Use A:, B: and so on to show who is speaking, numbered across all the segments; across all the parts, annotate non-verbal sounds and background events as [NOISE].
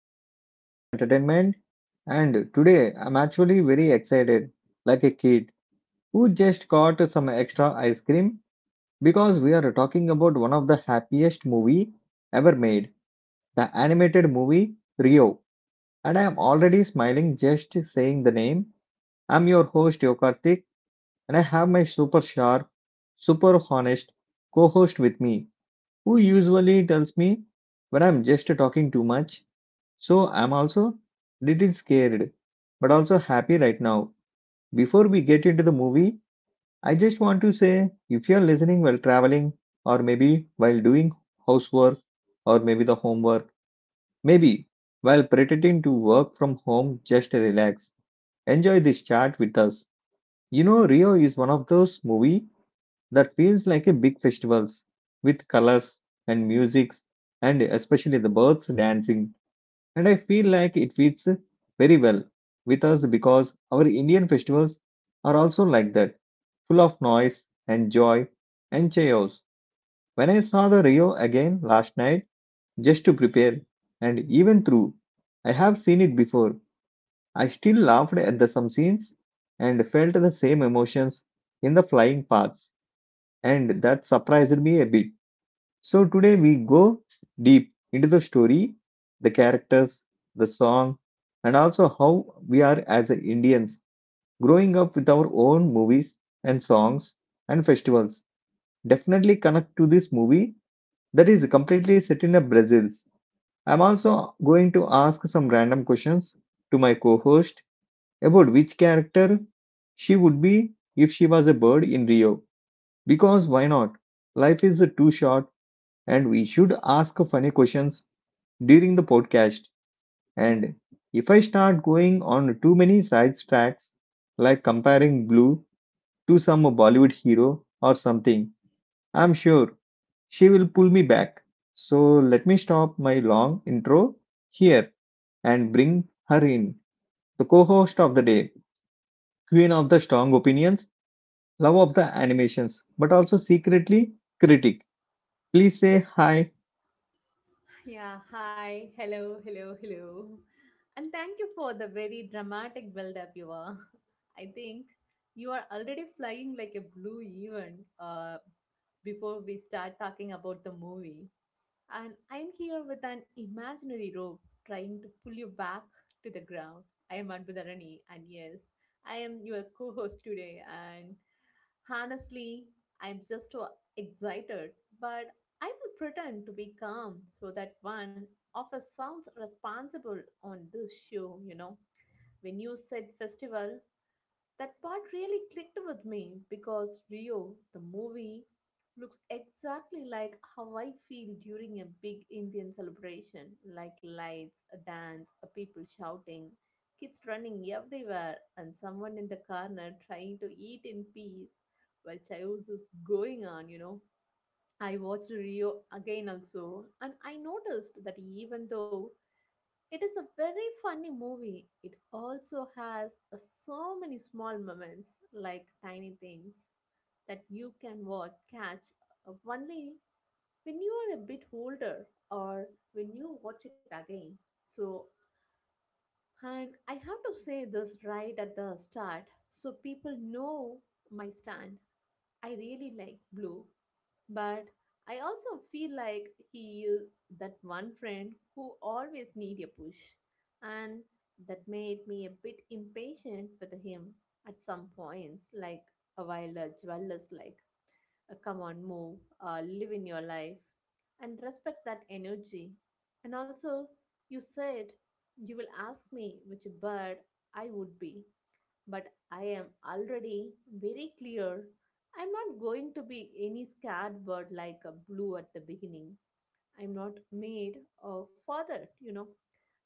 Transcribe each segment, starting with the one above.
A: to our podcast Entertainment. And today I'm actually very excited, like a kid who just got some extra ice cream because we are talking about one of the happiest movie ever made, the animated movie Rio. And I am already smiling just saying the name. I'm your host Yokartik and I have my super sharp, super honest co-host with me who usually tells me when I'm just talking too much so I'm also little scared, but also happy right now. Before we get into the movie, I just want to say if you're listening while traveling, or maybe while doing housework, or maybe the homework, maybe while pretending to work from home, just to relax. Enjoy this chat with us. You know, Rio is one of those movie that feels like a big festivals with colors and music and especially the birds dancing and I feel like it fits very well with us because our Indian festivals are also like that, full of noise and joy and chaos. When I saw the Rio again last night just to prepare and even through, I have seen it before. I still laughed at the some scenes and felt the same emotions in the flying paths and that surprised me a bit. So today we go deep into the story, the characters, the song, and also how we are as Indians growing up with our own movies and songs and festivals. Definitely connect to this movie that is completely set in a Brazil's. I'm also going to ask some random questions to my co-host about which character she would be if she was a bird in Rio. Because why not? Life is too short and we should ask funny questions during the podcast. And if I start going on too many side tracks, like comparing Blue to some Bollywood hero or something, I'm sure she will pull me back. So let me stop my long intro here and bring her in, the co host of the day, queen of the strong opinions, love of the animations, but also secretly critic. Please say hi.
B: Yeah, hi. Hello, hello, hello. And thank you for the very dramatic build up you are. [LAUGHS] I think you are already flying like a Blue even before we start talking about the movie, and I'm here with an imaginary rope trying to pull you back to the ground. I am Anbudharani, and yes, I am your co host today. And honestly, I'm just so excited, but I will pretend to be calm so that one of us sounds responsible on this show. When you said festival, that part really clicked with me because Rio, the movie, looks exactly like how I feel during a big Indian celebration like lights, a dance, a people shouting, kids running everywhere, and someone in the corner trying to eat in peace while chaos is going on. I watched Rio again also, and I noticed that even though it is a very funny movie, it also has so many small moments, like tiny things, that you can watch, catch only when you are a bit older or when you watch it again. So, and I have to say this right at the start so people know my stand. I really like Blue. But I also feel like he is that one friend who always need a push. And that made me a bit impatient with him at some points, like a while a jealous like a come on move, live in your life and respect that energy. And also you said you will ask me which bird I would be. But I am already very clear. I'm not going to be any scared bird like a Blue at the beginning. I'm not made for that.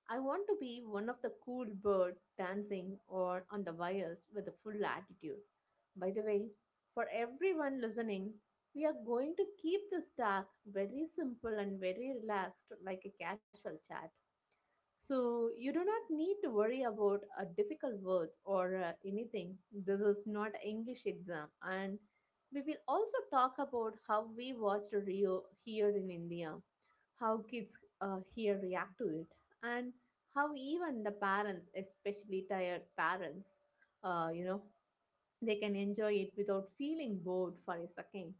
B: I want to be one of the cool bird dancing or on the wires with a full attitude. By the way, for everyone listening, we are going to keep this talk very simple and very relaxed like a casual chat. So you do not need to worry about difficult words or anything. This is not an English exam, and we will also talk about how we watched Rio here in India, how kids here react to it, and how even the parents, especially tired parents, uh, you know, they can enjoy it without feeling bored for a second.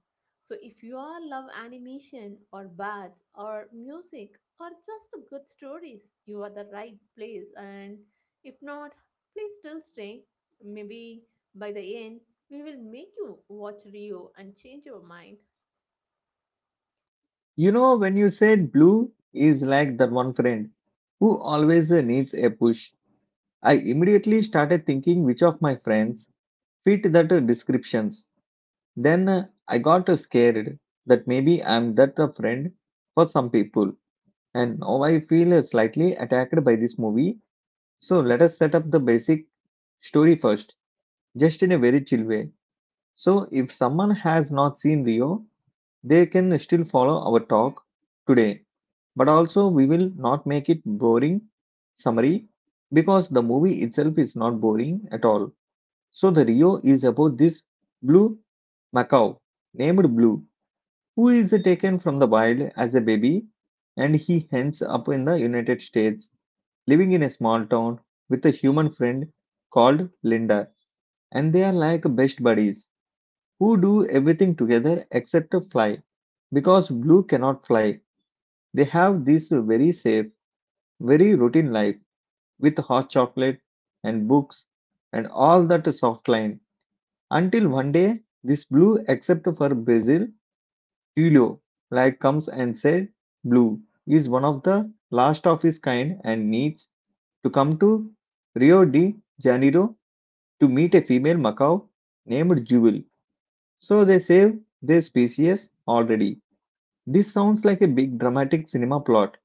B: So, if you all love animation or baths or music or just good stories, you are the right place. And if not, please still stay. Maybe by the end, we will make you watch Rio and change your mind.
A: You know, when you said Blue is like that one friend who always needs a push I immediately started thinking which of my friends fit that descriptions. Then I got scared that maybe I'm that a friend for some people. And now I feel slightly attacked by this movie. So let us set up the basic story first, just in a very chill way. So if someone has not seen Rio, they can still follow our talk today. But also we will not make it boring summary because the movie itself is not boring at all. So the Rio is about this blue macaw named Blue, who is taken from the wild as a baby and he ends up in the United States, living in a small town with a human friend called Linda. And they are like best buddies who do everything together except fly. Because Blue cannot fly, they have this very safe, very routine life with hot chocolate and books and all that soft line. Until one day, this blue, except for Brazil, Tulio, like comes and said, Blue is one of the last of his kind and needs to come to Rio de Janeiro to meet a female macaw named Jewel. So they save their species already. This sounds like a big dramatic cinema plot.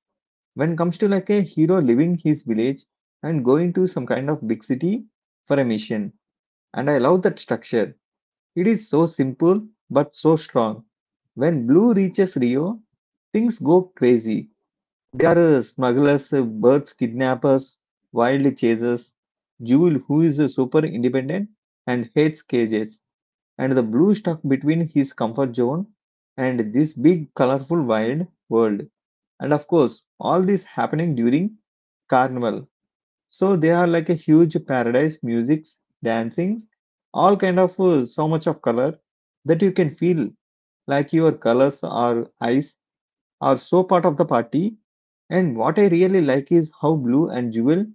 A: When it comes to like a hero leaving his village and going to some kind of big city for a mission. And I love that structure. It is so simple but so strong. When Blue reaches Rio, things go crazy. There are smugglers, birds, kidnappers, wild chasers, Jewel, who is super independent and hates cages, and the Blue stuck between his comfort zone and this big, colorful, wild world. And of course, all this happening during Carnival, so they are like a huge paradise, musics, dancings, all kind of so much of color that you can feel like your colors or eyes are so part of the party. And what I really like is how blue and jewel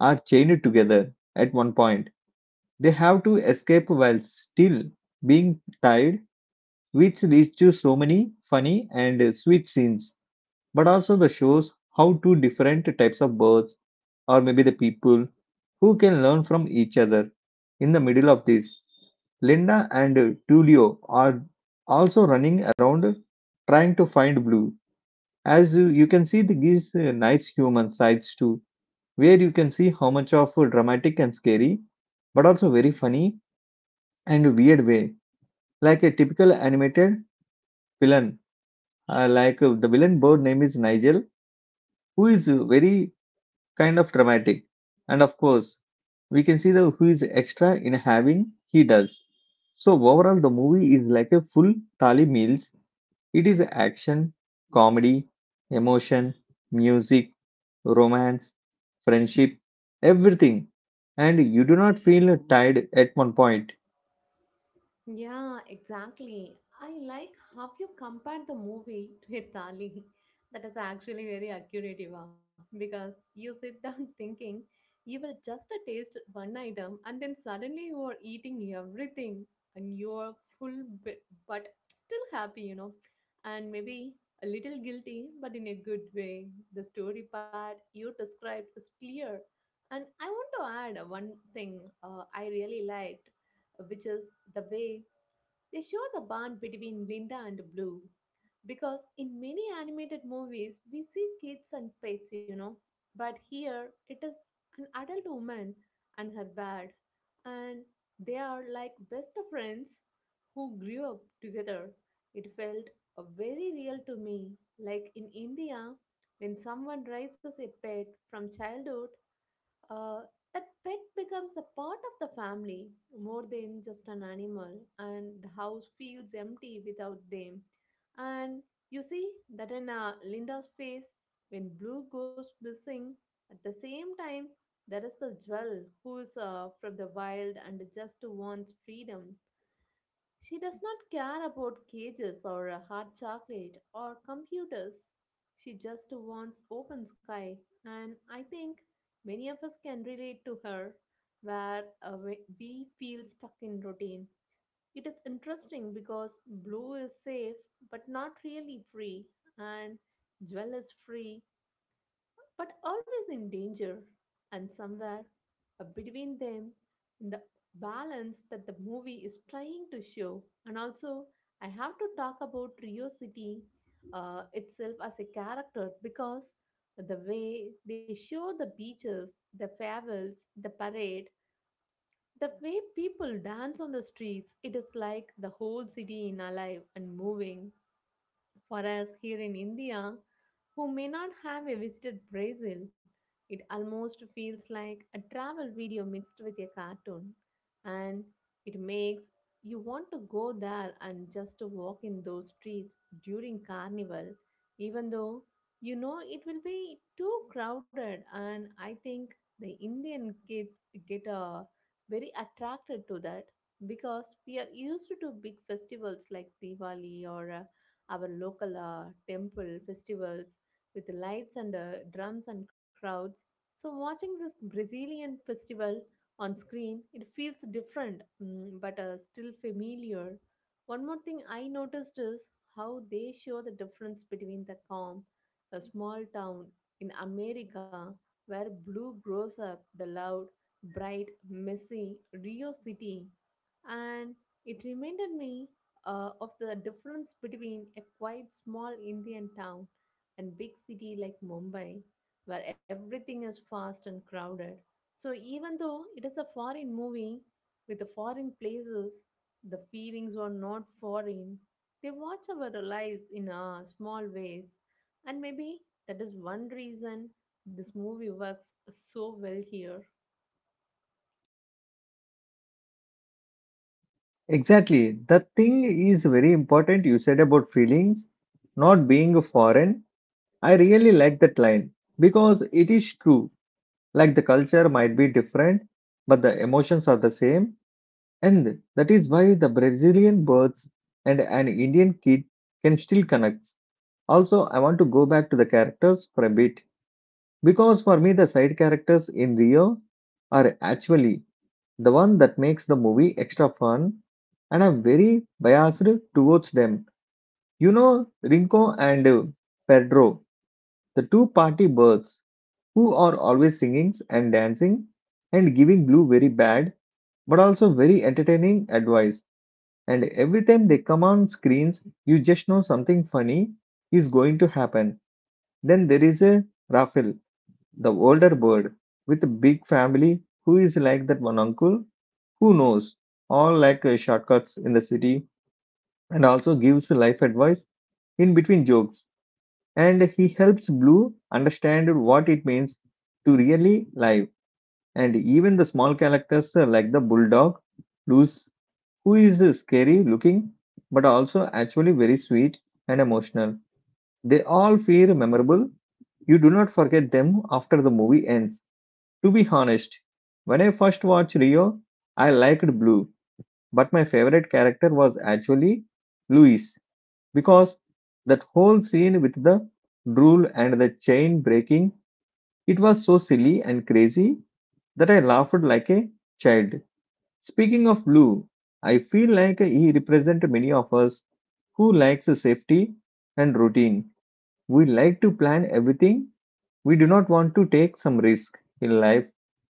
A: are chained together at one point. They have to escape while still being tied, which leads to so many funny and sweet scenes but also the shows how two different types of birds or maybe the people who can learn from each other in the middle of this, linda and tulio are also running around trying to find blue as you can see these nice human sides too where you can see how much of a dramatic and scary but also very funny and weird way like a typical animated villain, the villain bird name is nigel who is very kind of dramatic. And of course, we can see the who is extra in having he does. So overall, the movie is like a full thali meals. It is action, comedy, emotion, music, romance, friendship, everything. And you do not feel tired at one point.
B: Yeah, exactly. I like how you compared the movie to a thali. [LAUGHS] That is actually very accurate, Eva, because you sit down [LAUGHS] thinking you will just taste one item and then suddenly you are eating everything and you are full but still happy, and maybe a little guilty, but in a good way. The story part you described is clear. And I want to add one thing I really liked, which is the way they show the bond between Linda and Blue because in many animated movies we see kids and pets, but here it is an adult woman and her bird, and they are like best friends who grew up together. It felt very real to me, like in India, when someone raises a pet from childhood, uh, a pet becomes a part of the family more than just an animal, and the house feels empty without them. And you see that in Linda's face when Blue goes missing. At the same time, there is the Jewel who is from the wild and just wants freedom. She does not care about cages or hard chocolate or computers. She just wants open sky. And I think many of us can relate to her where we feel stuck in routine. It is interesting because Blue is safe but not really free, and Jewel is free but always in danger. And somewhere between them, in the balance that the movie is trying to show. And also, I have to talk about Rio City itself as a character because the way they show the beaches, the favels, the parade, the way people dance on the streets, it is like the whole city in alive and moving. For us here in India, who may not have visited Brazil, it almost feels like a travel video mixed with a cartoon, and it makes you want to go there and just to walk in those streets during carnival, even though you know it will be too crowded. And I think the Indian kids get very attracted to that because we are used to big festivals like Diwali or our local temple festivals with lights and drums and crowds. So, watching this Brazilian festival on screen, it feels different but still familiar. One more thing I noticed is how they show the difference between the calm, a small town in America where Blue grows up, the loud, bright, messy Rio City. And it reminded me of the difference between a quiet small Indian town and big city like Mumbai, where everything is fast and crowded. So even though it is a foreign movie with the foreign places, the feelings were not foreign. They watch our lives in our small ways, and maybe that is one reason this movie works so well here.
A: Exactly. The thing is very important you said about feelings not being foreign. I really like that line because it is true. Like the culture might be different, but the emotions are the same, and that is why the Brazilian birds and an Indian kid can still connect. Also, I want to go back to the characters for a bit because for me, the side characters in Rio are actually the one that makes the movie extra fun, and I'm very biased towards them. You know, Rinco and Pedro, the two party birds, who are always singing and dancing and giving Blue very bad but also very entertaining advice. And every time they come on screens, you just know something funny is going to happen. Then there is a Raphael, the older bird with a big family who is like that one uncle who knows all like shortcuts in the city and also gives life advice in between jokes. And he helps Blue understand what it means to really live. And even the small characters like the bulldog, Luz, who is scary looking but also actually very sweet and emotional. They all feel memorable. You do not forget them after the movie ends. To be honest, when I first watched Rio, I liked Blue, but my favorite character was actually Luis because that whole scene with the drool and the chain breaking, it was so silly and crazy that I laughed like a child. Speaking of Blue, I feel like he represents many of us who likes safety and routine. We like to plan everything. We do not want to take some risk in life.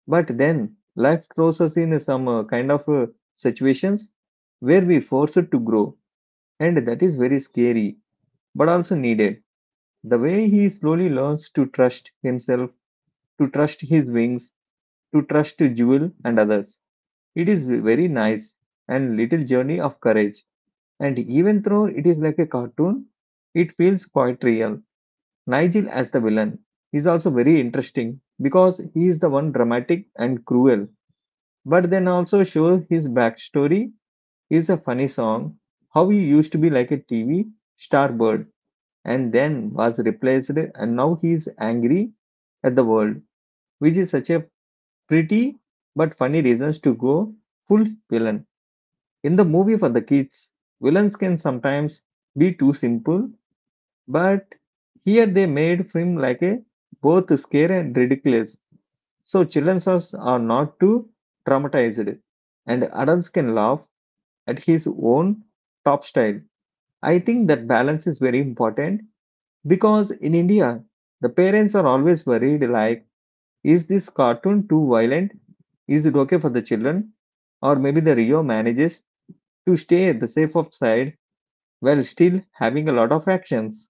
A: But then life throws us in some kind of situations where we force it to grow. And that is very scary, but also needed. The way he slowly learns to trust himself, to trust his wings, to trust Jewel and others. It is very nice and little journey of courage. And even though it is like a cartoon, it feels quite real. Nigel as the villain is also very interesting because he is the one dramatic and cruel. But then also show his backstory is a funny song. How he used to be like a TV star bird and then was replaced and now he is angry at the world, which is such a pretty but funny reasons to go full villain. In the movie for the kids, villains can sometimes be too simple, but here they made film like a both scary and ridiculous. So children are not too traumatized, and adults can laugh at his own top style. I think that balance is very important because in India, the parents are always worried like, is this cartoon too violent? Is it okay for the children? Or maybe the Rio manages to stay at the safe of side. Well, still having a lot of actions.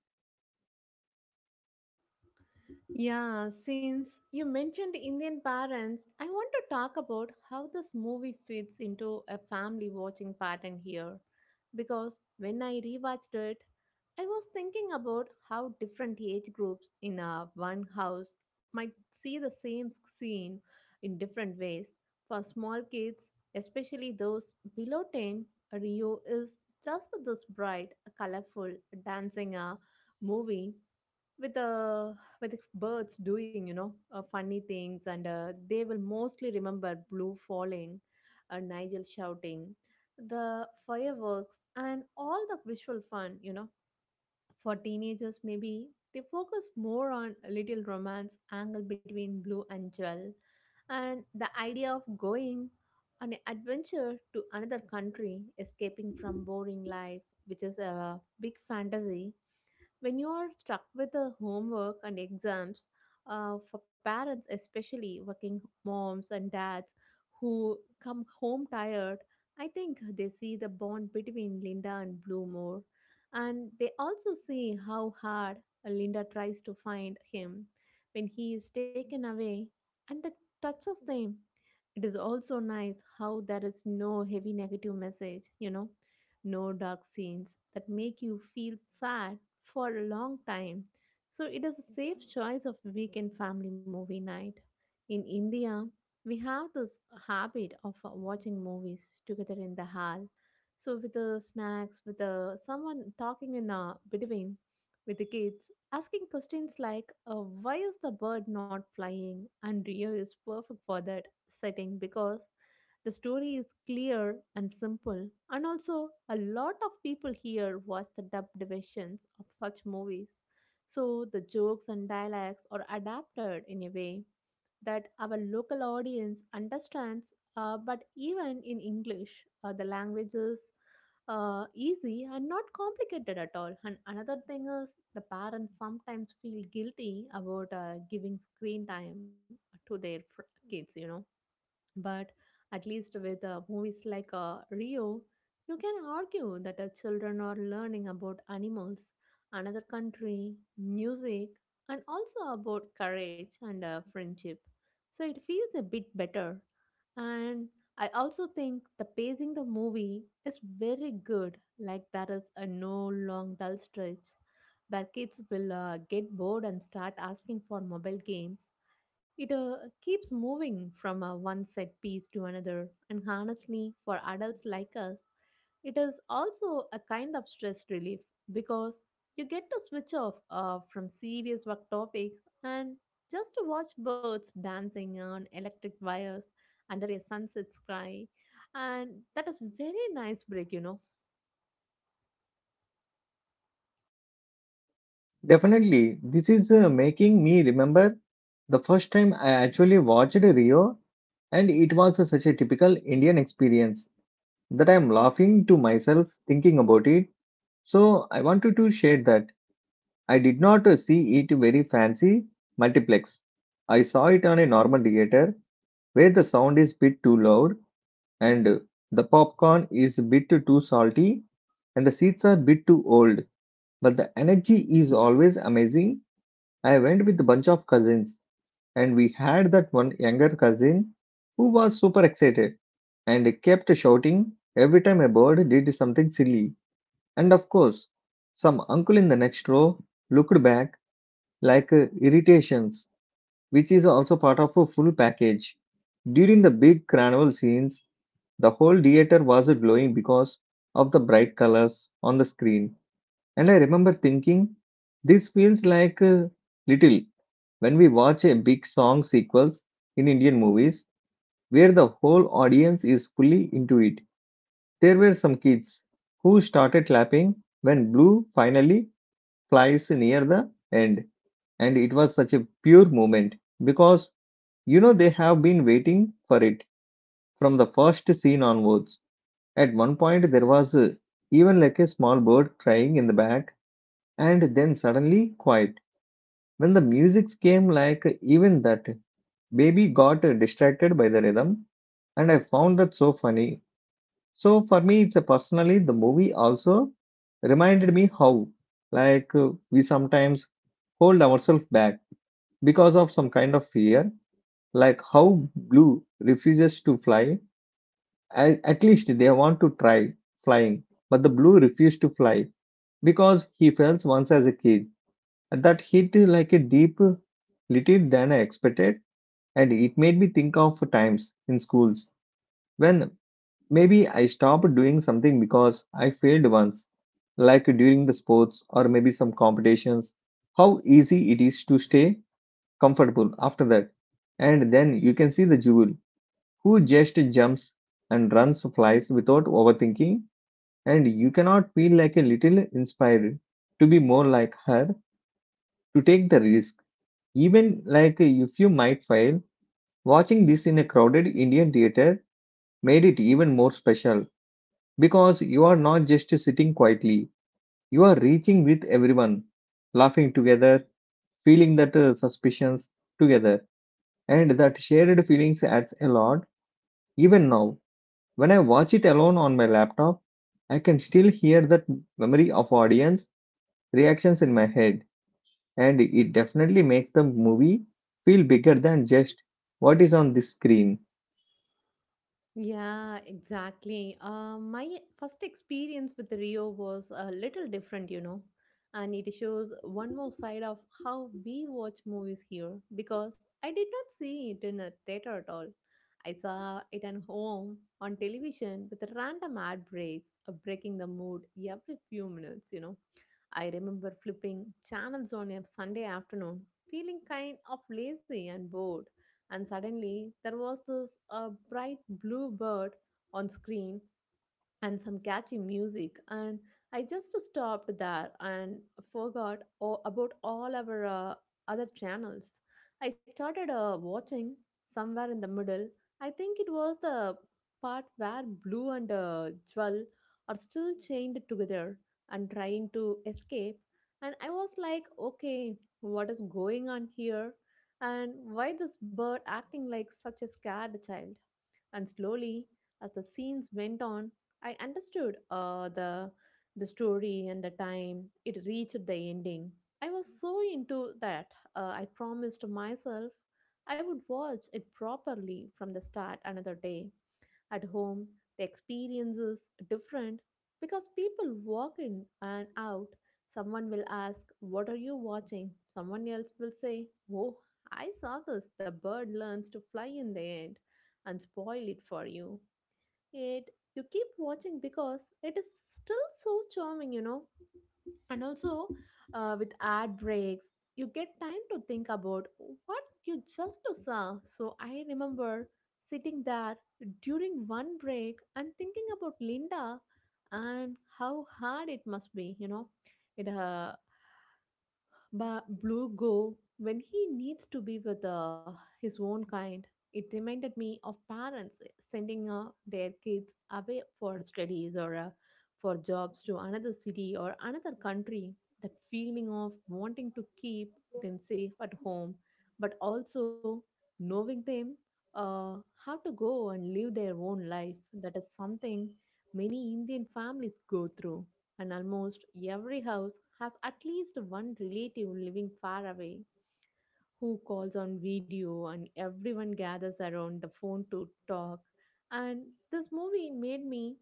B: Yeah, since you mentioned Indian parents, I want to talk about how this movie fits into a family watching pattern here. Because when I rewatched it, I was thinking about how different age groups in a one house might see the same scene in different ways. For small kids, especially those below 10, Rio is just this bright, colorful, dancing movie with with birds doing funny things, and they will mostly remember Blue falling, Nigel shouting, the fireworks, and all the visual fun. For teenagers, maybe they focus more on a little romance angle between Blue and Jewel and the idea of going on an adventure to another country, escaping from boring life, which is a big fantasy when you are stuck with the homework and exams. For parents, especially working moms and dads who come home tired, I think they see the bond between Linda and Blue more, and they also see how hard Linda tries to find him when he is taken away, and that touches them. It is also nice how there is no heavy negative message, no dark scenes that make you feel sad for a long time. So it is a safe choice of weekend family movie night. In India, we have this habit of watching movies together in the hall. So with the snacks, with the someone talking in between with the kids asking questions like, why is the bird not flying? And Rio is perfect for that setting because the story is clear and simple. And also, a lot of people here watch the dubbed versions of such movies. So the jokes and dialects are adapted in a way that our local audience understands, but even in English, the language is easy and not complicated at all. And another thing is, the parents sometimes feel guilty about giving screen time to their kids, but at least with movies like Rio, you can argue that children are learning about animals, another country, music, and also about courage and friendship. So it feels a bit better. And I also think the pacing the movie is very good. Like there is a no long dull stretch where kids will get bored and start asking for mobile games. It keeps moving from one set piece to another, and honestly, for adults like us, it is also a kind of stress relief because you get to switch off from serious work topics and just to watch birds dancing on electric wires under a sunset sky, and that is very nice break.
A: Definitely, this is making me remember the first time I actually watched Rio, and it was such a typical Indian experience that I am laughing to myself thinking about it. So, I wanted to share that I did not see it very fancy multiplex. I saw it on a normal theater where the sound is bit too loud and the popcorn is bit too salty and the seats are bit too old but the energy is always amazing. I went with a bunch of cousins, and we had that one younger cousin who was super excited and kept shouting every time a bird did something silly. And of course, some uncle in the next row looked back like irritations, which is also part of a full package. During the big carnival scenes, the whole theater was glowing because of the bright colors on the screen, and I remember thinking, this feels like little when we watch a big song sequels in Indian movies where the whole audience is fully into it. There were some kids who started clapping when Blue finally flies near the end, and it was such a pure moment because you know they have been waiting for it from the first scene onwards. At one point, there was even like a small bird crying in the back, and then suddenly quiet when the music came, like even that baby got distracted by the rhythm, and I found that so funny. So for me, it's a personally the movie also reminded me how we sometimes hold ourselves back because of some kind of fear, like how Blue refuses to fly. At least they want to try flying, but the Blue refused to fly because he fell once as a kid. And that hit like a deep little than I expected, and it made me think of times in schools when maybe I stopped doing something because I failed once, like during the sports or maybe some competitions. How easy it is to stay comfortable after that. And then you can see the Jewel, who just jumps and runs flies without overthinking, and you cannot feel like a little inspired to be more like her, to take the risk, even like if you might fail. Watching this in a crowded Indian theater made it even more special, because you are not just sitting quietly, you are reaching with everyone, laughing together, feeling that suspicions together, and that shared feelings adds a lot. Even now, when I watch it alone on my laptop, I can still hear that memory of audience reactions in my head, and it definitely makes the movie feel bigger than just what is on this screen.
B: Yeah, exactly. My first experience with Rio was a little different, and it shows one more side of how we watch movies here because I did not see it in a theater at all. I saw it at home on television with random ad breaks breaking the mood every few minutes. I remember flipping channels on a Sunday afternoon, feeling kind of lazy and bored, and suddenly there was this bright blue bird on screen and some catchy music, and I just stopped there and forgot all, about all our other channels. I started watching somewhere in the middle. I think it was the part where Blue and Jewel are still chained together and trying to escape, and I was like, okay, what is going on here, and why this bird acting like such a scared child? And slowly, as the scenes went on, I understood the story, and the time it reached the ending, I was so into that I promised myself I would watch it properly from the start another day. At home, the experience is different because people walk in and out. Someone will ask, "What are you watching?" Someone else will say, "Oh, I saw this. The bird learns to fly in the end" and spoil it for you. Yet, you keep watching because it is still so charming. And also, with ad breaks, you get time to think about what you just saw. So I remember sitting there during one break and thinking about Linda and how hard it must be. it uh, Blue go when he needs to be with his own kind. It reminded me of parents sending their kids away for studies or for jobs to another city or another country. That feeling of wanting to keep them safe at home, but also knowing them, uh, how to go and live their own life. That is something many Indian families go through, and almost every house has at least one relative living far away who calls on video and everyone gathers around the phone to talk, and this movie made me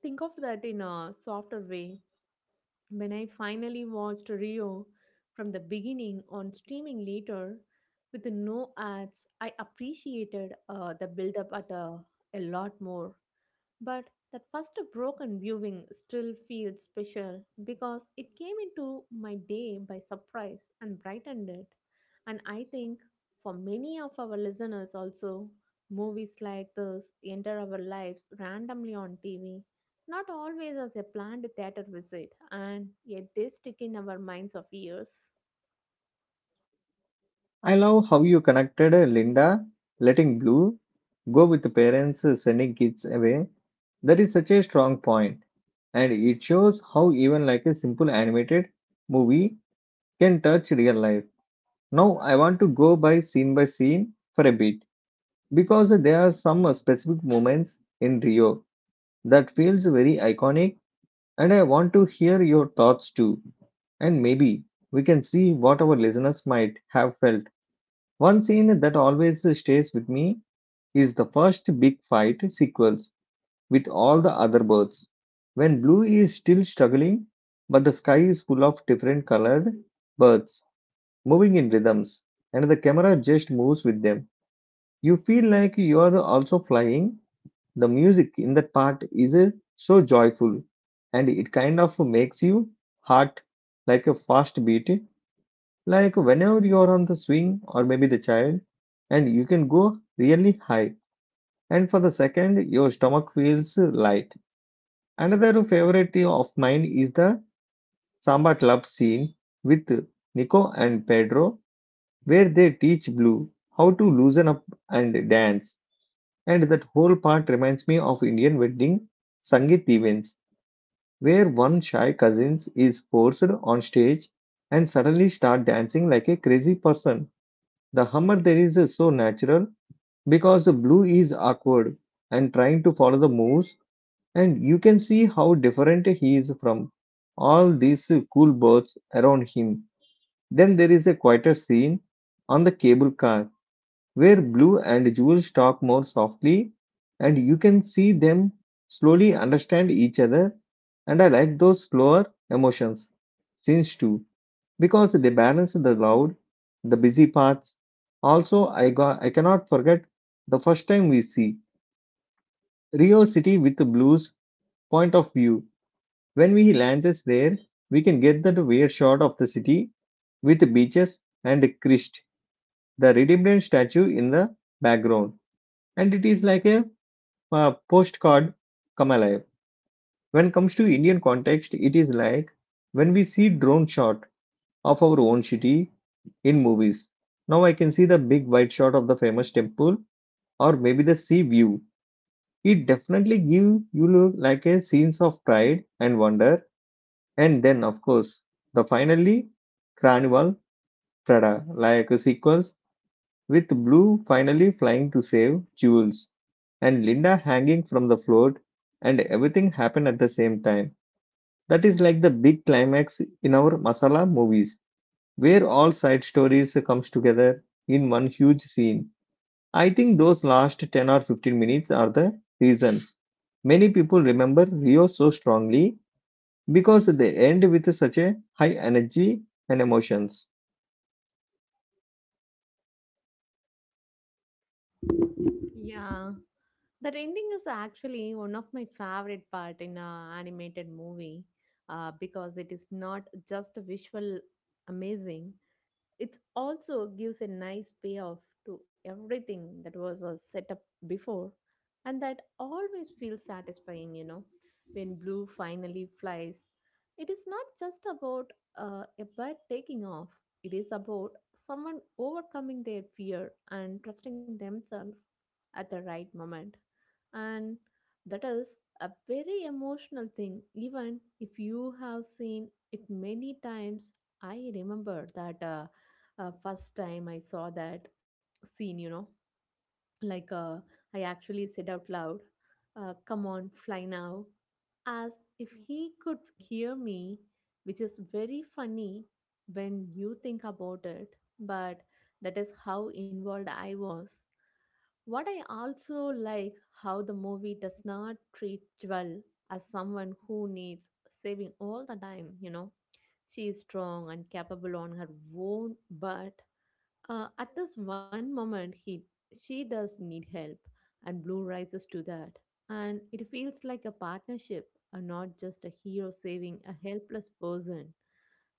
B: think of that in a softer way. When I finally watched Rio from the beginning on streaming later with no ads, I appreciated the build up a lot more, but that first broken viewing still feels special because it came into my day by surprise and brightened it. And I think for many of our listeners also, movies like this enter our lives randomly on TV, not always as a planned theater visit, and yet they stick in our minds of years.
A: I love how you connected Linda letting Blue go with the parents sending kids away. That is such a strong point, and it shows how even like a simple animated movie can touch real life. Now I want to go by scene for a bit because there are some specific moments in Rio that feels very iconic, and I want to hear your thoughts too, and maybe we can see what our listeners might have felt. One scene that always stays with me is the first big fight sequels with all the other birds. When Blue is still struggling, but the sky is full of different colored birds moving in rhythms, and the camera just moves with them. You feel like you are also flying. The music in that part is so joyful, and it kind of makes you heart like a fast beat, like whenever you are on the swing or maybe the child, and you can go really high, and for the second, your stomach feels light. Another favorite of mine is the Samba Club scene with Nico and Pedro, where they teach Blue how to loosen up and dance. And that whole part reminds me of Indian wedding Sangit events, where one shy cousin is forced on stage and suddenly start dancing like a crazy person. The hummer there is so natural because Blue is awkward and trying to follow the moves. And you can see how different he is from all these cool birds around him. Then there is a quieter scene on the cable car where Blue and Jules talk more softly, and you can see them slowly understand each other. And I like those slower emotions scenes too because they balance the loud, the busy parts. Also, I cannot forget the first time we see Rio City with Blues point of view. When we lands us there, we can get that weird shot of the city with beaches and Christ, the Redemption statue in the background. And it is like a, postcard come alive. When it comes to Indian context, it is like when we see drone shot of our own city in movies. Now I can see the big wide shot of the famous temple or maybe the sea view. It definitely give you look like a sense of pride and wonder. And then, of course, the finally Carnival Prada, like a sequence with Blue finally flying to save Jules and Linda hanging from the float, and everything happen at the same time. That is like the big climax in our masala movies, where all side stories comes together in one huge scene. I think those last 10 or 15 minutes are the reason many people remember Rio so strongly, because they end with such a high energy and emotions.
B: Yeah, that ending is actually one of my favorite part in a animated movie, because it is not just visual amazing, it also gives a nice payoff to everything that was a setup before, and that always feels satisfying, you know. When Blue finally flies, it is not just about a bird taking off, it is about someone overcoming their fear and trusting themselves at the right moment. And that is a very emotional thing, even if you have seen it many times. I remember that first time I saw that scene, you know, like uh, I actually said out loud, "Come on, fly now," as if he could hear me, which is very funny when you think about it. But that is how involved I was. What I also like how the movie does not treat Jewel as someone who needs saving all the time, you know. She is strong and capable on her own, but at this one moment, he she does need help, and Blue rises to that, and it feels like a partnership, and not just a hero saving a helpless person.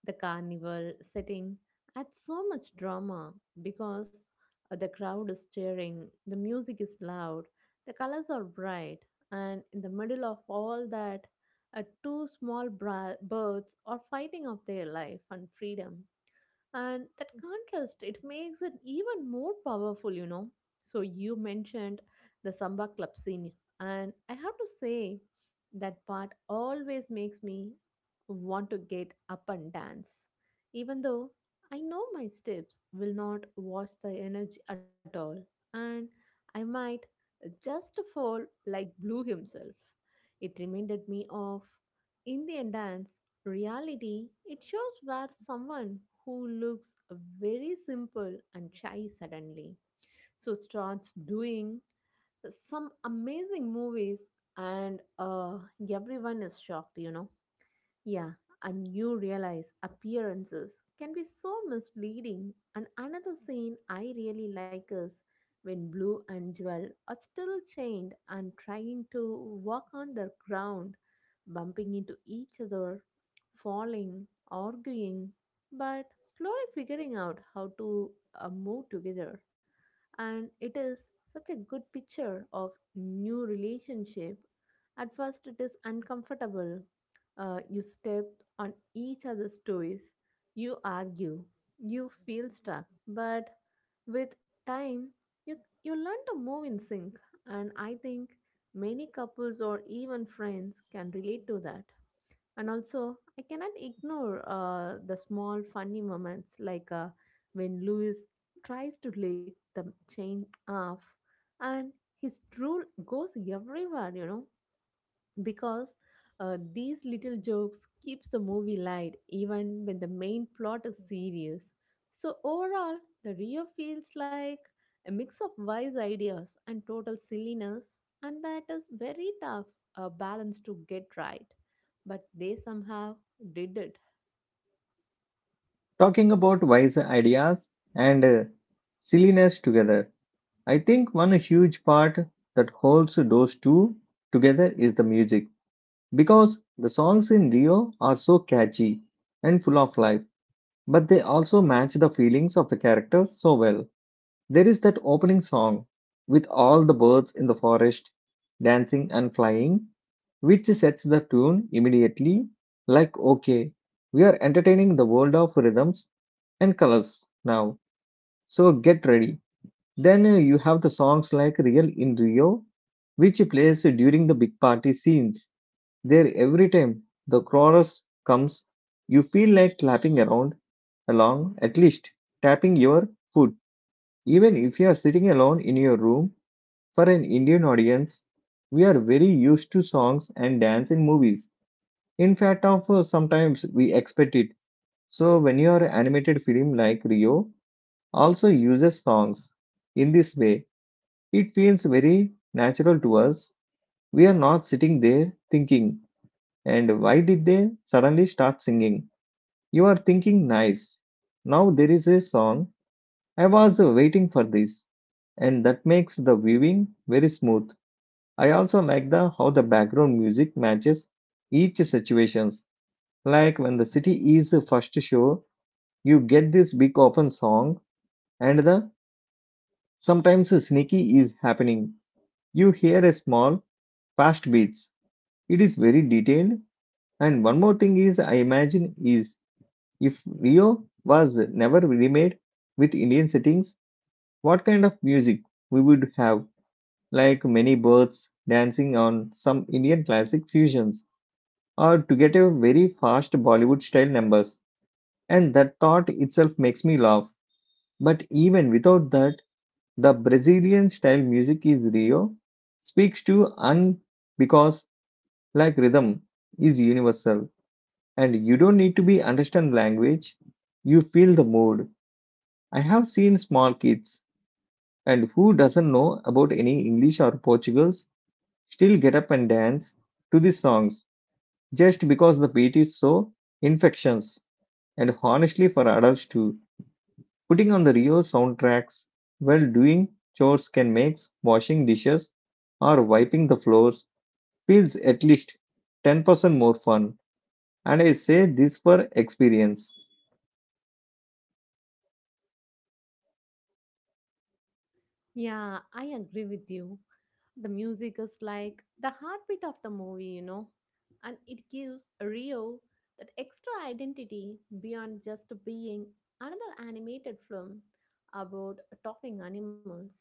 B: The carnival setting adds so much drama because the crowd is cheering, the music is loud, the colors are bright, and in the middle of all that, two small birds are fighting of their life and freedom, and that contrast it makes it even more powerful, you know. So you mentioned the samba club scene, and I have to say that part always makes me want to get up and dance, even though I know my steps will not wash the energy at all, and I might just fall like Blue himself. It reminded me of Indian dance reality, it shows where someone who looks very simple and shy suddenly so starts doing some amazing movies, and everyone is shocked, you know. Yeah, and you realize appearances can be so misleading. And another scene I really like is when Blue and Jewel are still chained and trying to walk on the ground, bumping into each other, falling, arguing, but slowly figuring out how to move together. And it is such a good picture of new relationship. At first it is uncomfortable, you step on each other's toes, you argue, you feel stuck, but with time, you you learn to move in sync. And I think many couples or even friends can relate to that. And also, I cannot ignore the small funny moments like when Louis tries to lick the chain off and his drool goes everywhere, you know, because these little jokes keeps the movie light even when the main plot is serious. So overall, the Rio feels like a mix of wise ideas and total silliness, and that is very tough a balance to get right, but they somehow did it.
A: Talking about wiser ideas and silliness together. I think one huge part that holds those two together is the music, because the songs in Rio are so catchy and full of life, but they also match the feelings of the characters so well. There is that opening song with all the birds in the forest dancing and flying, which sets the tune immediately, like, okay, we are entertaining the world of rhythms and colors now, so get ready. Then you have the songs like Real in Rio, which plays during the big party scenes. There, every time the chorus comes, you feel like clapping around, along, at least tapping your foot. Even if you are sitting alone in your room, for an Indian audience, we are very used to songs and dance in movies. In fact, of sometimes we expect it. So when your animated film like Rio also uses songs in this way, it feels very natural to us. We are not sitting there thinking, and why did they suddenly start singing? You are thinking, nice. Now there is a song. I was waiting for this. And that makes the viewing very smooth. I also like the how the background music matches each situations. Like when the city is first show, you get this big open song, and the sometimes sneaky is happening. You hear a small fast beats. It is very detailed. And one more thing is, I imagine, is if Rio was never remade with Indian settings, what kind of music we would have? Like many birds dancing on some Indian classic fusions, or to get a very fast Bollywood style numbers. And that thought itself makes me laugh. But even without that, the Brazilian style music is Rio speaks to un, because like rhythm is universal, and you don't need to be understand language, you feel the mood. I have seen small kids and who doesn't know about any English or Portuguese still get up and dance to the songs just because the beat is so infectious. And honestly for adults too, putting on the real soundtracks while doing chores can make washing dishes or wiping the floors feels at least 10% more fun, and I say this for experience.
B: Yeah, I agree with you. The music is like the heartbeat of the movie, you know, and it gives Rio that extra identity beyond just being another animated film about talking animals.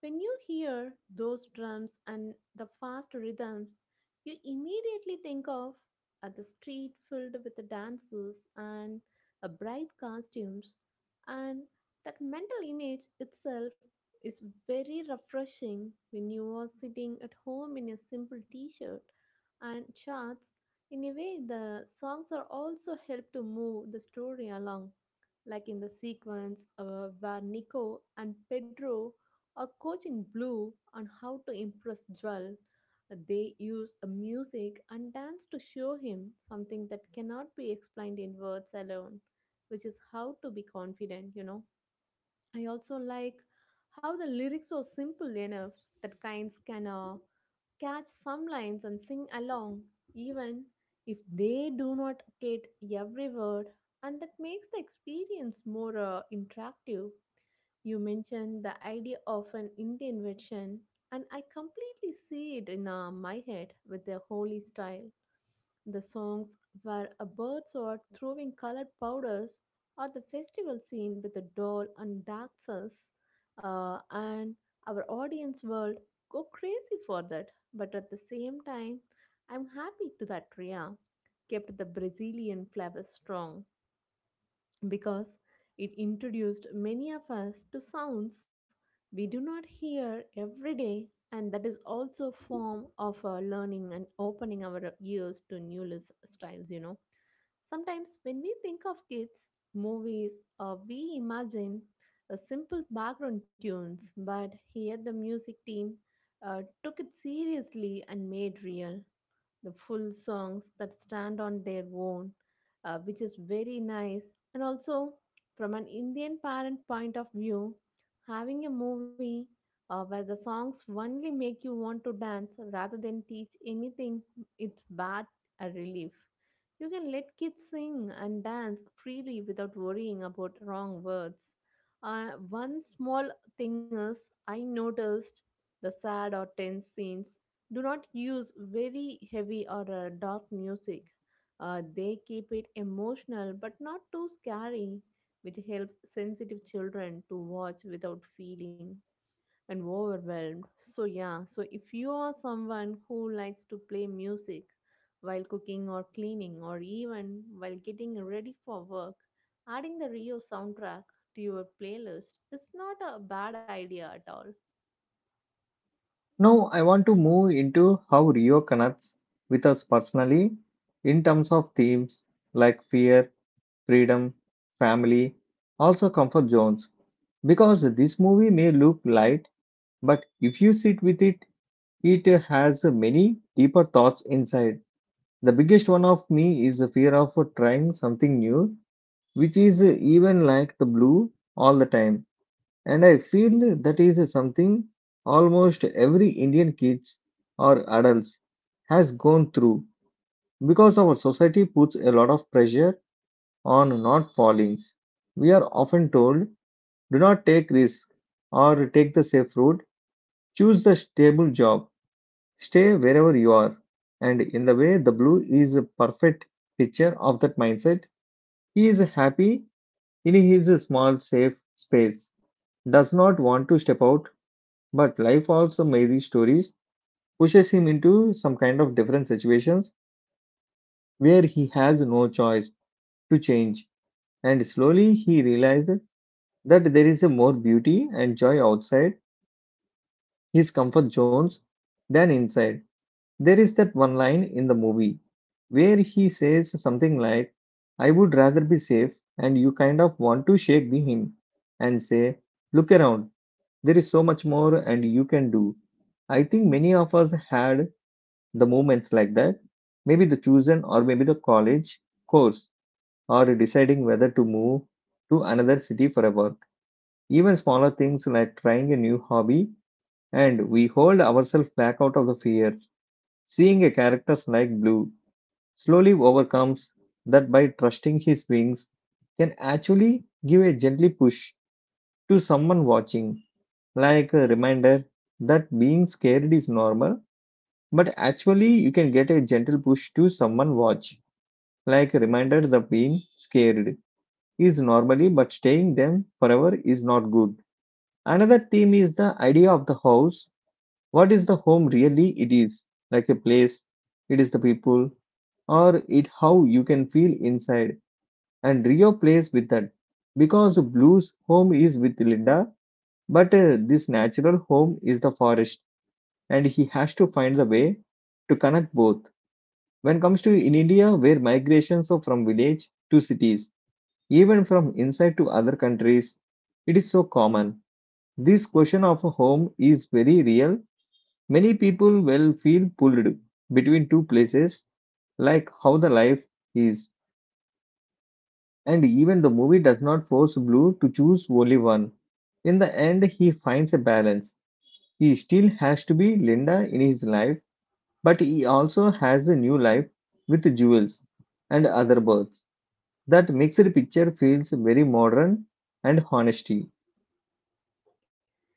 B: When you hear those drums and the fast rhythms, you immediately think of the street filled with the dances and bright costumes, and that mental image itself is very refreshing when you are sitting at home in a simple t-shirt and charts. In a way, the songs are also help to move the story along, like in the sequence where Nico and Pedro or coaching Blue on how to impress Jewel. They use a music and dance to show him something that cannot be explained in words alone, which is how to be confident, you know. I also like how the lyrics are simple enough that kinds can catch some lines and sing along, even if they do not get every word, and that makes the experience more interactive. You mentioned the idea of an Indian version, and I completely see it in my head with the Holy style, the songs were a birdsword throwing colored powders, or the festival scene with a doll and dancers, and our audience world go crazy for that. But at the same time, I'm happy to that Ria kept the Brazilian flavor strong because it introduced many of us to sounds we do not hear every day, and that is also a form of learning and opening our ears to new styles, you know. Sometimes when we think of kids movies, we imagine a simple background tunes, but here the music team took it seriously and made real the full songs that stand on their own, which is very nice. And also, from an Indian parent point of view, having a movie where the songs only make you want to dance rather than teach anything, it's bad a relief. You can let kids sing and dance freely without worrying about wrong words. One small thing is, I noticed the sad or tense scenes do not use very heavy or dark music. They keep it emotional but not too scary, which helps sensitive children to watch without feeling and overwhelmed. So, yeah, so if you are someone who likes to play music while cooking or cleaning or even while getting ready for work, adding the Rio soundtrack to your playlist is not a bad idea at all.
A: Now, I want to move into how Rio connects with us personally in terms of themes like fear, freedom, family, also comfort zones. Because this movie may look light, but if you sit with it, it has many deeper thoughts inside. The biggest one of me is the fear of trying something new, which is even like the Blue all the time, and I feel that is something almost every Indian kids or adults has gone through, because our society puts a lot of pressure on not falling. We are often told, do not take risk or take the safe route, choose the stable job, stay wherever you are. And in the way the Blue is a perfect picture of that mindset. He is happy in his small safe space, does not want to step out. But life also may stories pushes him into some kind of different situations where he has no choice to change. And slowly he realizes that there is a more beauty and joy outside his comfort zones than inside. There is that one line in the movie where he says something like, I would rather be safe, and you kind of want to shake the him and say, look around, there is so much more and you can do. I think many of us had the moments like that, maybe the chosen or maybe the college course, or deciding whether to move to another city for a work, even smaller things like trying a new hobby, and we hold ourselves back out of the fears. Seeing a character like Blue slowly overcomes that by trusting his wings can actually give a gently push to someone watching, like a reminder that being scared is normal, but actually you can get a gentle push to someone watch. Like a reminder that being scared is normally, but staying them forever is not good. Another theme is the idea of the house. What is the home really? It is like a place, it is the people, or it how you can feel inside. And Rio plays with that because Blue's home is with Linda, but this natural home is the forest, and he has to find the way to connect both. When comes to in India, where migrations are from village to cities even from inside to other countries. It is so common. This question of a home is very real. Many people will feel pulled between two places, like how the life is. And even the movie does not force Blue to choose only one. In the end, he finds a balance. He still has to be Linda in his life, but he also has a new life with jewels and other birds. That mixed picture feels very modern and honesty.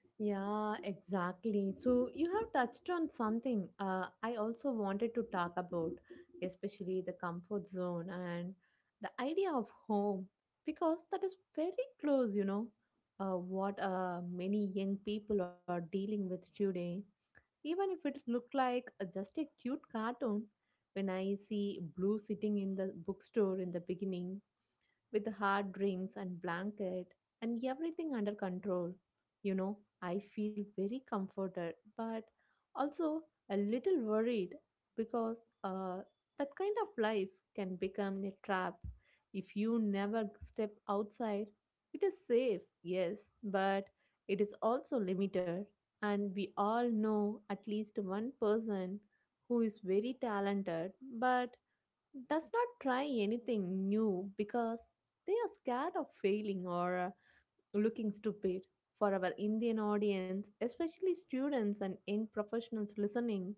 B: Yeah, exactly. So you have touched on something I also wanted to talk about, especially the comfort zone and the idea of home, because that is very close, you know, what many young people are dealing with today. Even if it look like just a cute cartoon, when I see Blue sitting in the bookstore in the beginning, with hard drinks and blanket and everything under control. You know, I feel very comforted, but also a little worried because, uh, that kind of life can become a trap if you never step outside. It is safe, yes, but it is also limited. And we all know at least one person who is very talented but does not try anything new because they are scared of failing or looking stupid. For our Indian audience, especially students and young professionals listening,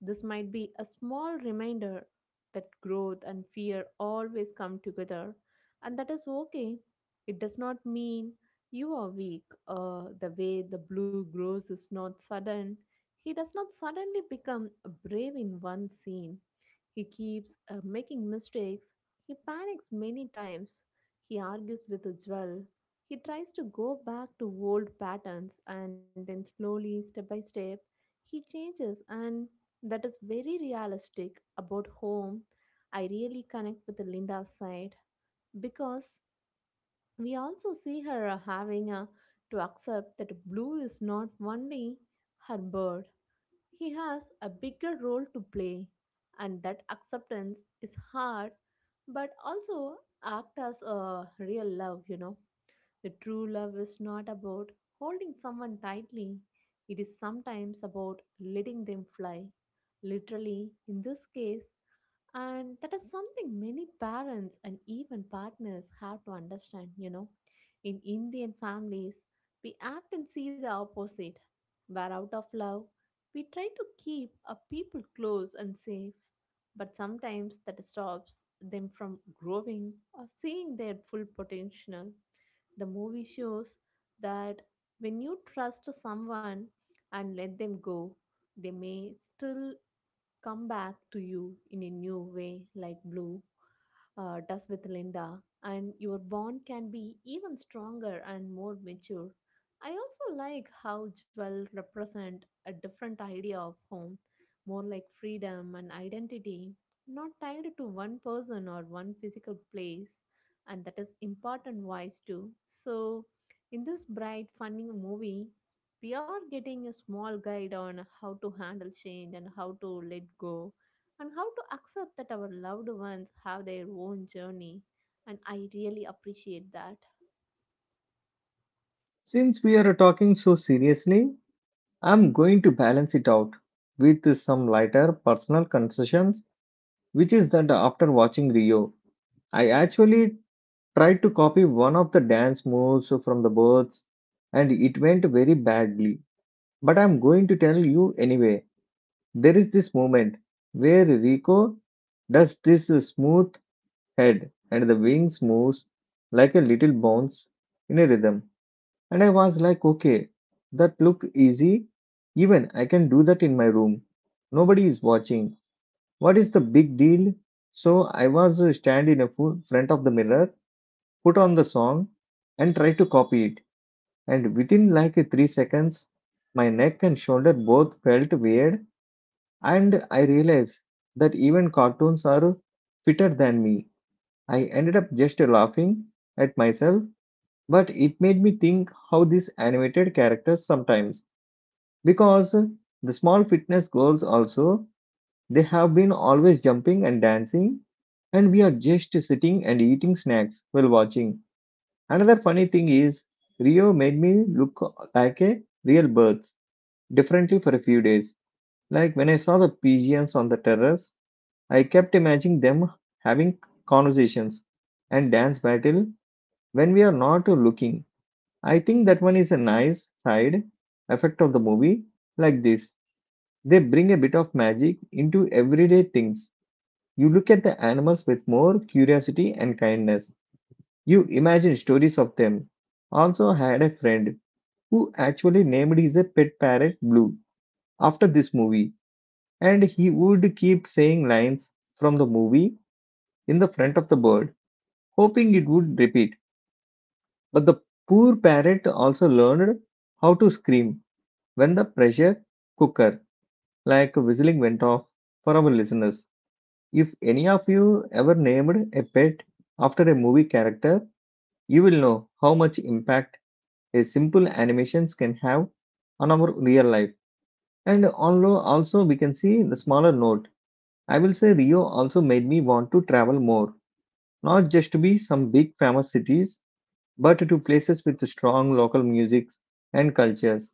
B: this might be a small reminder that growth and fear always come together, and that is okay. It does not mean you are weak. The way the blue grows is not sudden. He does not suddenly become brave in one scene. He keeps making mistakes. He panics many times. He argues with a jewel. He tries to go back to old patterns, and then slowly, step by step, he changes, and that is very realistic about home. I really connect with Linda's side because we also see her having to accept that Blue is not only her bird. He has a bigger role to play, and that acceptance is hard but also act as a real love. The true love is not about holding someone tightly. It is sometimes about letting them fly. Literally, in this case, and that is something many parents and even partners have to understand. In Indian families, we often see the opposite, where out of love, we try to keep our people close and safe, but sometimes that stops them from growing or seeing their full potential. The movie shows that when you trust someone and let them go, they may still come back to you in a new way, like Blue does with Linda, and your bond can be even stronger and more mature. I also like how Jewel represent a different idea of home, more like freedom and identity, not tied to one person or one physical place, and that is important wise too. So, in this bright, funny movie, we are getting a small guide on how to handle change and how to let go and how to accept that our loved ones have their own journey. And I really appreciate that. [LAUGHS]
A: Since we are talking so seriously, I'm going to balance it out with some lighter personal concessions, which is that after watching Rio, I actually tried to copy one of the dance moves from the birds and it went very badly. But I'm going to tell you anyway. There is this moment where Rico does this smooth head and the wings moves like a little bounce in a rhythm and I was like, okay, that look easy. Even I can do that in my room. Nobody is watching. What is the big deal? So I was stand in a fu- front of the mirror, put on the song, and try to copy it. And within 3 seconds, my neck and shoulder both felt weird, and I realized that even cartoons are fitter than me. I ended up just laughing at myself, but it made me think how these animated characters sometimes because the small fitness goals also they have been always jumping and dancing and we are just sitting and eating snacks while watching another funny thing is Rio made me look like a real birds differently for a few days, like when I saw the pigeons on the terrace, I kept imagining them having conversations and dance battle when we are not looking. I think that one is a nice side effect of the movie, like this they bring a bit of magic into everyday things. You look at the animals with more curiosity and kindness. You imagine stories of them. Also, had a friend who actually named his pet parrot Blue after this movie, and he would keep saying lines from the movie in the front of the bird, hoping it would repeat. But the poor parrot also learned how to scream when the pressure cooker like whistling went off for our listeners. If any of you ever named a pet after a movie character, you will know how much impact a simple animations can have on our real life. And although also we can see the smaller note. I will say Rio also made me want to travel more, not just to be some big famous cities, but to places with strong local music and cultures.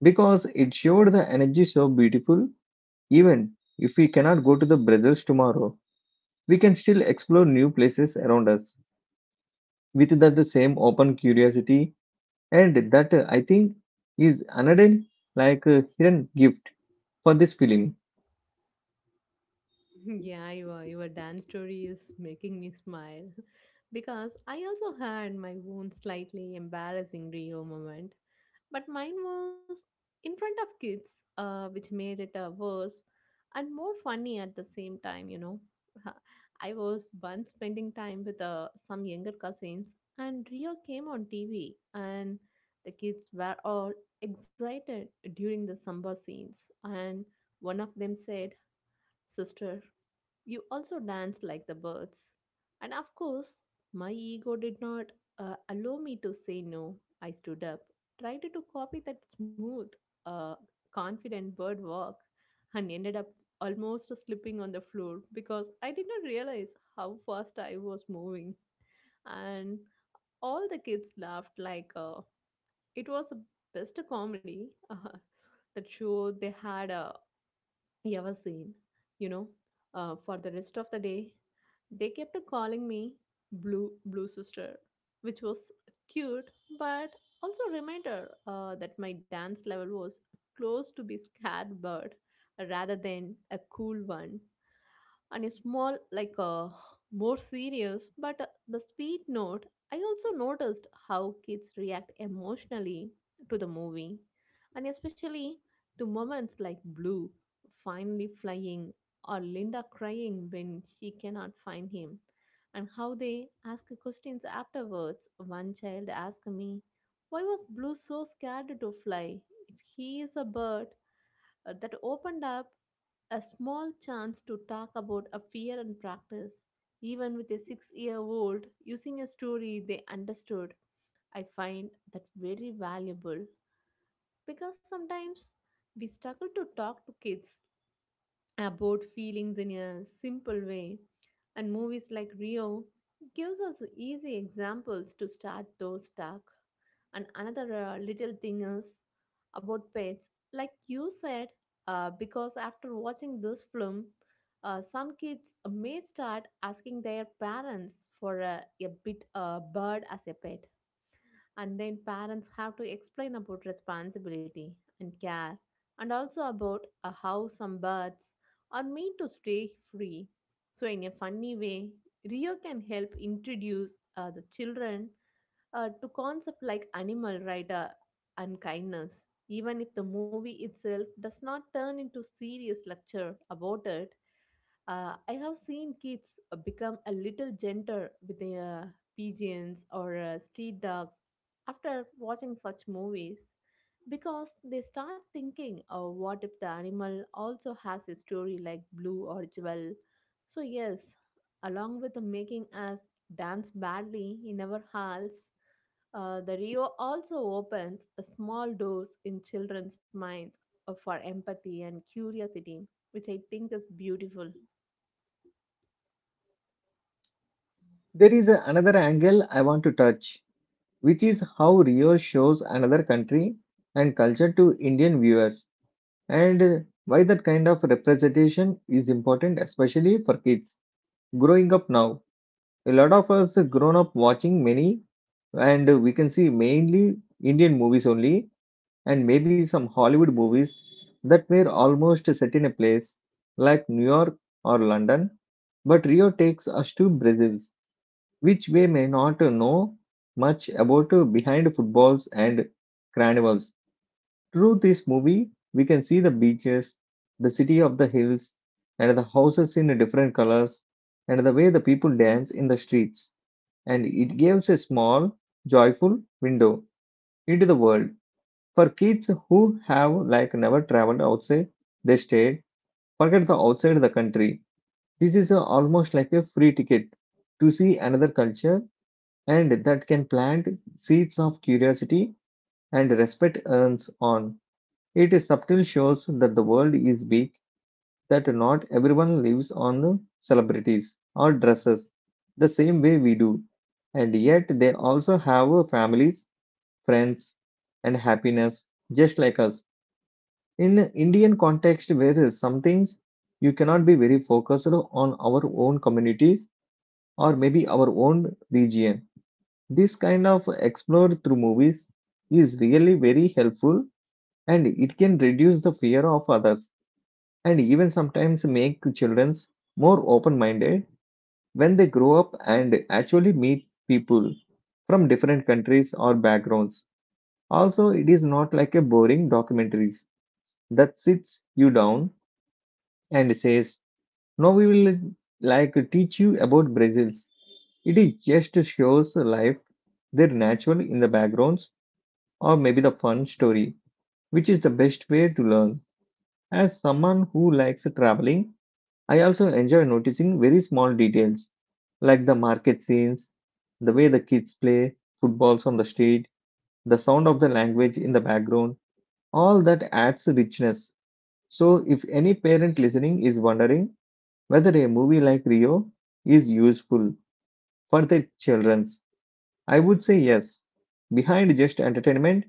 A: Because it showed the energy so beautiful, even if we cannot go to the Brazils tomorrow, we can still explore new places around us with that same open curiosity, and that I think is another hidden gift for this film.
B: Yeah, your dance story is making me smile [LAUGHS] because I also had my own slightly embarrassing Rio moment. But mine was in front of kids, which made it worse and more funny at the same time. [LAUGHS] I was once spending time with some younger cousins, and Rio came on TV, and the kids were all excited during the samba scenes. And one of them said, "Sister, you also danced like the birds." And of course, my ego did not allow me to say no. I stood up, tried to copy that smooth, uh, confident bird walk, and ended up almost slipping on the floor because I did not realize how fast I was moving. And all the kids laughed like it was the best comedy [LAUGHS] that show they had a ever seen. You know, for the rest of the day, they kept calling me Blue Blue Sister, which was cute, but also a reminder that my dance level was close to be scared bird rather than a cool one. And a small like a more serious but the sweet note, I also noticed how kids react emotionally to the movie, and especially to moments like Blue finally flying or Linda crying when she cannot find him, and how they ask questions afterwards. One child asked me, "Why was Blue so scared to fly if he is a bird?" That opened up a small chance to talk about a fear and practice. Even with a 6 year old using a story they understood, I find that very valuable because sometimes we struggle to talk to kids about feelings in a simple way, and movies like Rio gives us easy examples to start those talk. And another little thing is about pets, like you said. Because after watching this film, some kids may start asking their parents for a bit a bird as a pet, and then parents have to explain about responsibility and care, and also about how some birds are made to stay free. So in a funny way, Rio can help introduce the children to concepts like animal rights and kindness, even if the movie itself does not turn into serious lecture about it. I have seen kids become a little gentler with the pigeons or street dogs after watching such movies, because they start thinking, oh, what if the animal also has a story like Blue or Jewel? So, yes, along with making us dance badly in our halls, the Rio also opens a small doors in children's minds for empathy and curiosity, which I think is beautiful.
A: There is another angle I want to touch, which is how Rio shows another country and culture to Indian viewers, and why that kind of representation is important, especially for kids growing up now. A lot of us grown up watching many, and we can see mainly Indian movies only, and maybe some Hollywood movies that were almost set in a place like New York or London. But Rio takes us to Brazil, which we may not know much about behind footballs and carnivals. Through this movie, we can see the beaches, the city of the hills, and the houses in different colors, and the way the people dance in the streets. And it gives a small, joyful window into the world for kids who have like never traveled outside their state, forget the outside the country. This is a- almost like a free ticket to see another culture, and that can plant seeds of curiosity and respect earns on. It is subtle shows that the world is big, that not everyone lives on celebrities or dresses the same way we do. And yet they also have families, friends, and happiness just like us. In Indian context, where some things you cannot be very focused on our own communities or maybe our own region. This kind of explored through movies is really very helpful, and it can reduce the fear of others and even sometimes make children more open minded when they grow up and actually meet people from different countries or backgrounds. Also, it is not like a boring documentaries that sits you down and says, now we will like teach you about Brazils. It is just shows life, their natural in the backgrounds, or maybe the fun story, which is the best way to learn. As someone who likes traveling, I also enjoy noticing very small details, like the market scenes, the way the kids play, footballs on the street, the sound of the language in the background. All that adds richness. So, if any parent listening is wondering whether a movie like Rio is useful for their children's? I would say yes. Behind just entertainment,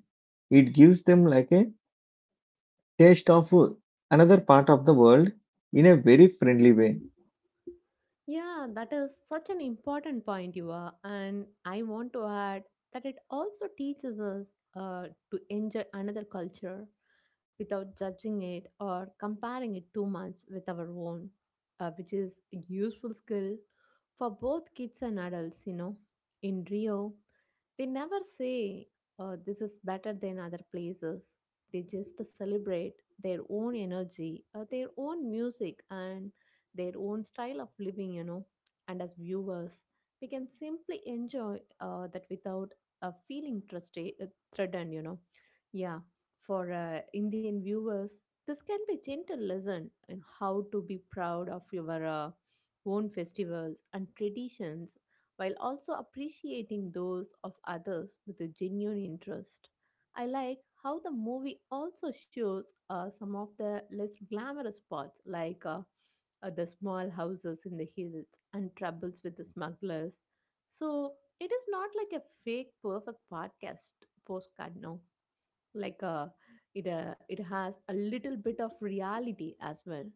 A: it gives them like a taste of another part of the world in a very friendly way.
B: Yeah, that is such an important point, you are. And I want to add that it also teaches us to enjoy another culture without judging it or comparing it too much with our own, which is a useful skill for both kids and adults. In Rio, they never say this is better than other places. They just celebrate their own energy, their own music, and their own style of living. And as viewers, we can simply enjoy that without uh, feeling trusted, uh, threatened, Yeah, for Indian viewers, this can be gentle lesson in how to be proud of your own festivals and traditions while also appreciating those of others with a genuine interest. I like how the movie also shows some of the less glamorous parts, like the small houses in the hills, and troubles with the smugglers. So it is not like a fake perfect podcast postcard, no. Like it has a little bit of reality as well.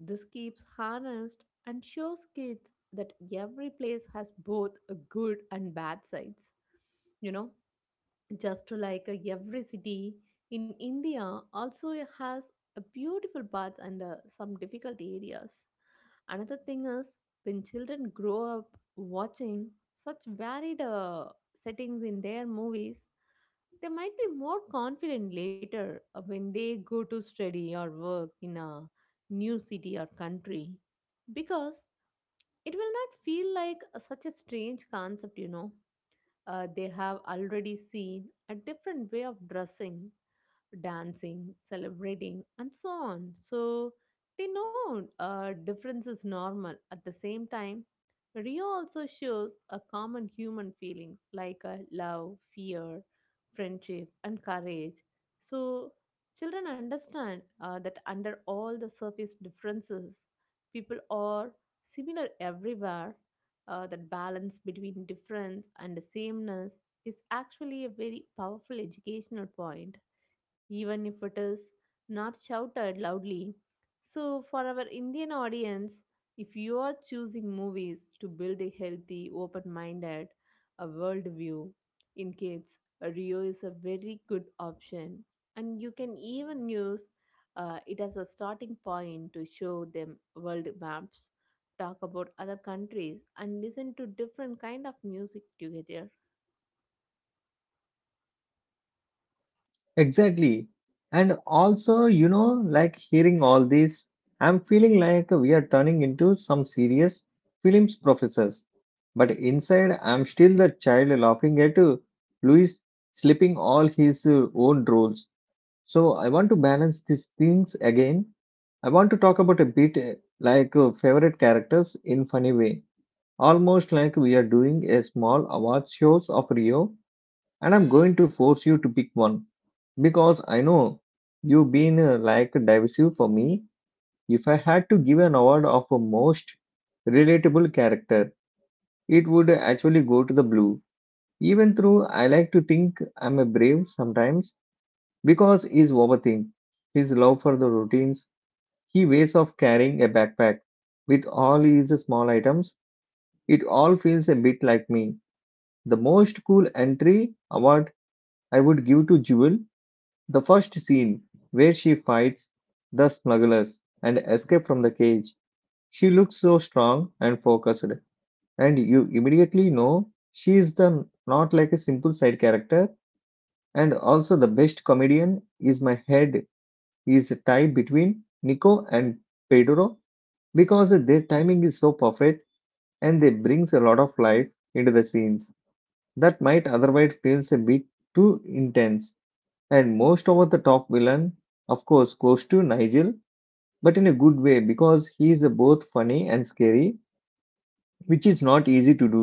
B: This keeps harnessed and shows kids that every place has both a good and bad sides. You know, just like every city in India also has a beautiful parts and some difficult areas. Another thing is when children grow up watching such varied settings in their movies, they might be more confident later when they go to study or work in a new city or country because it will not feel like such a strange concept, you know. They have already seen a different way of dressing dancing, celebrating, and so on. So they know difference is normal. At the same time, Rio also shows a common human feelings like love, fear, friendship, and courage. So children understand that under all the surface differences, people are similar everywhere. That balance between difference and the sameness is actually a very powerful educational point, even if it is not shouted loudly. So, for our Indian audience, if you are choosing movies to build a healthy, open minded, a worldview in kids, Rio is a very good option. And you can even use it as a starting point to show them world maps, talk about other countries, and listen to different kind of music together.
A: Exactly. And also, you know, like hearing all this, I'm feeling like we are turning into some serious films professors. But inside, I'm still the child laughing at Louis slipping all his own rules. So I want to balance these things again. I want to talk about a bit favorite characters in funny way, almost like we are doing a small award shows of Rio, and I'm going to force you to pick one because I know you've been like divisive for me. If I had to give an award of a most relatable character, it would actually go to the blue. Even though I like to think I'm a brave sometimes because he's overthink. His love for the routines, he ways of carrying a backpack with all his small items. It all feels a bit like me. The most cool entry award I would give to Jewel, the first scene where she fights the smugglers and escape from the cage. She looks so strong and focused, and you immediately know she is the not like a simple side character. And also the best comedian is my head is tied between Nico and Pedro because their timing is so perfect and they brings a lot of life into the scenes that might otherwise feels a bit too intense. And most over the top villain of course goes to Nigel, but in a good way because he is both funny and scary, which is not easy to do.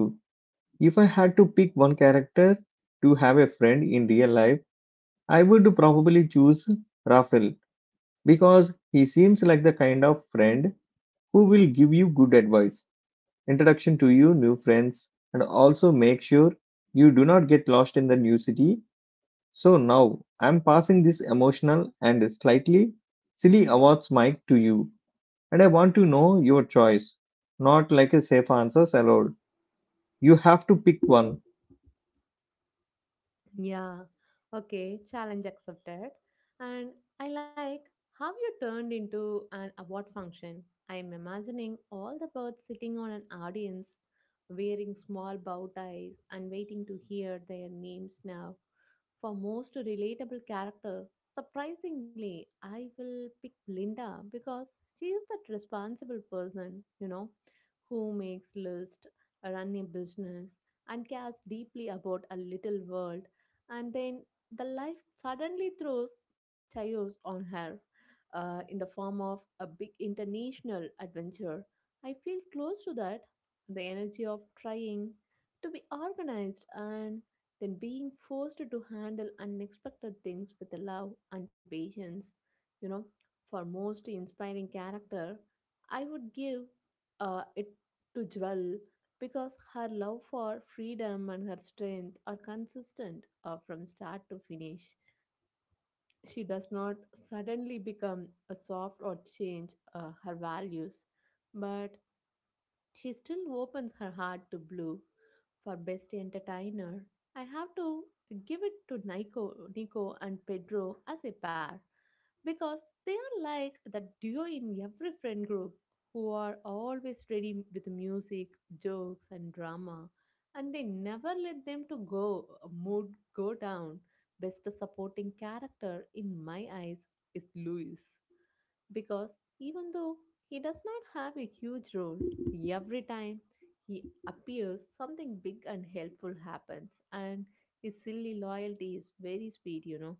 A: If I had to pick one character to have a friend in real life, I would probably choose Raphael because he seems like the kind of friend who will give you good advice, introduction to you new friends, and also make sure you do not get lost in the new city. So now I'm passing this emotional and slightly silly awards mic to you, and I want to know your choice, not like a safe answers allowed. You have to pick one.
B: Yeah. Okay. Challenge accepted. And I like how you turned into an award function. I am imagining all the birds sitting on an audience, wearing small bow ties and waiting to hear their names now. For most relatable character, surprisingly, I will pick Linda because she is that responsible person, you know, who makes list, run a business, and cares deeply about a little world, and then the life suddenly throws chaos on her in the form of a big international adventure. I feel close to that, the energy of trying to be organized and then being forced to handle unexpected things with the love and patience. You know, for most inspiring character, I would give it to Jewel because her love for freedom and her strength are consistent from start to finish. She does not suddenly become a soft or change her values, but she still opens her heart to Blue. For best entertainer, I have to give it to Nico and Pedro as a pair, because they are like the duo in every friend group who are always ready with music, jokes, and drama, and they never let them to go mood go down. Best supporting character in my eyes is Louis, because even though he does not have a huge role, every time he appears, something big and helpful happens, and his silly loyalty is very sweet, you know.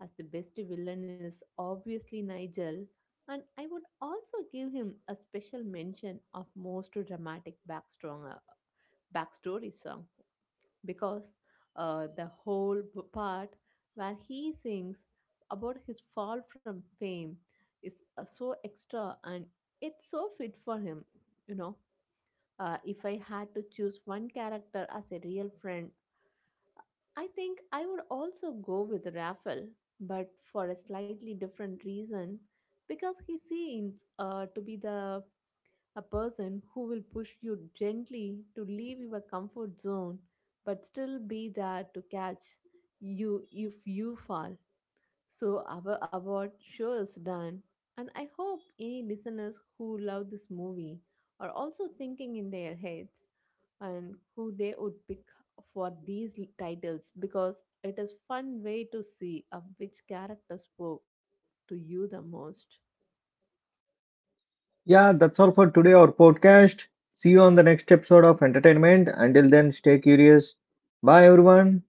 B: As the best villain is obviously Nigel, and I would also give him a special mention of most dramatic backstory song, because the whole part where he sings about his fall from fame is so extra, and it's so fit for him. You know, if I had to choose one character as a real friend, I think I would also go with Raffle, but for a slightly different reason, because he seems to be the a person who will push you gently to leave your comfort zone, but still be there to catch you if you fall. So our award show is done, and I hope any listeners who love this movie are also thinking in their heads and who they would pick for these titles, because it is fun way to see of which character spoke to you the most
A: Yeah, that's all for today, our podcast. See you on the next episode of Entertainment. Until then, stay curious. Bye, everyone.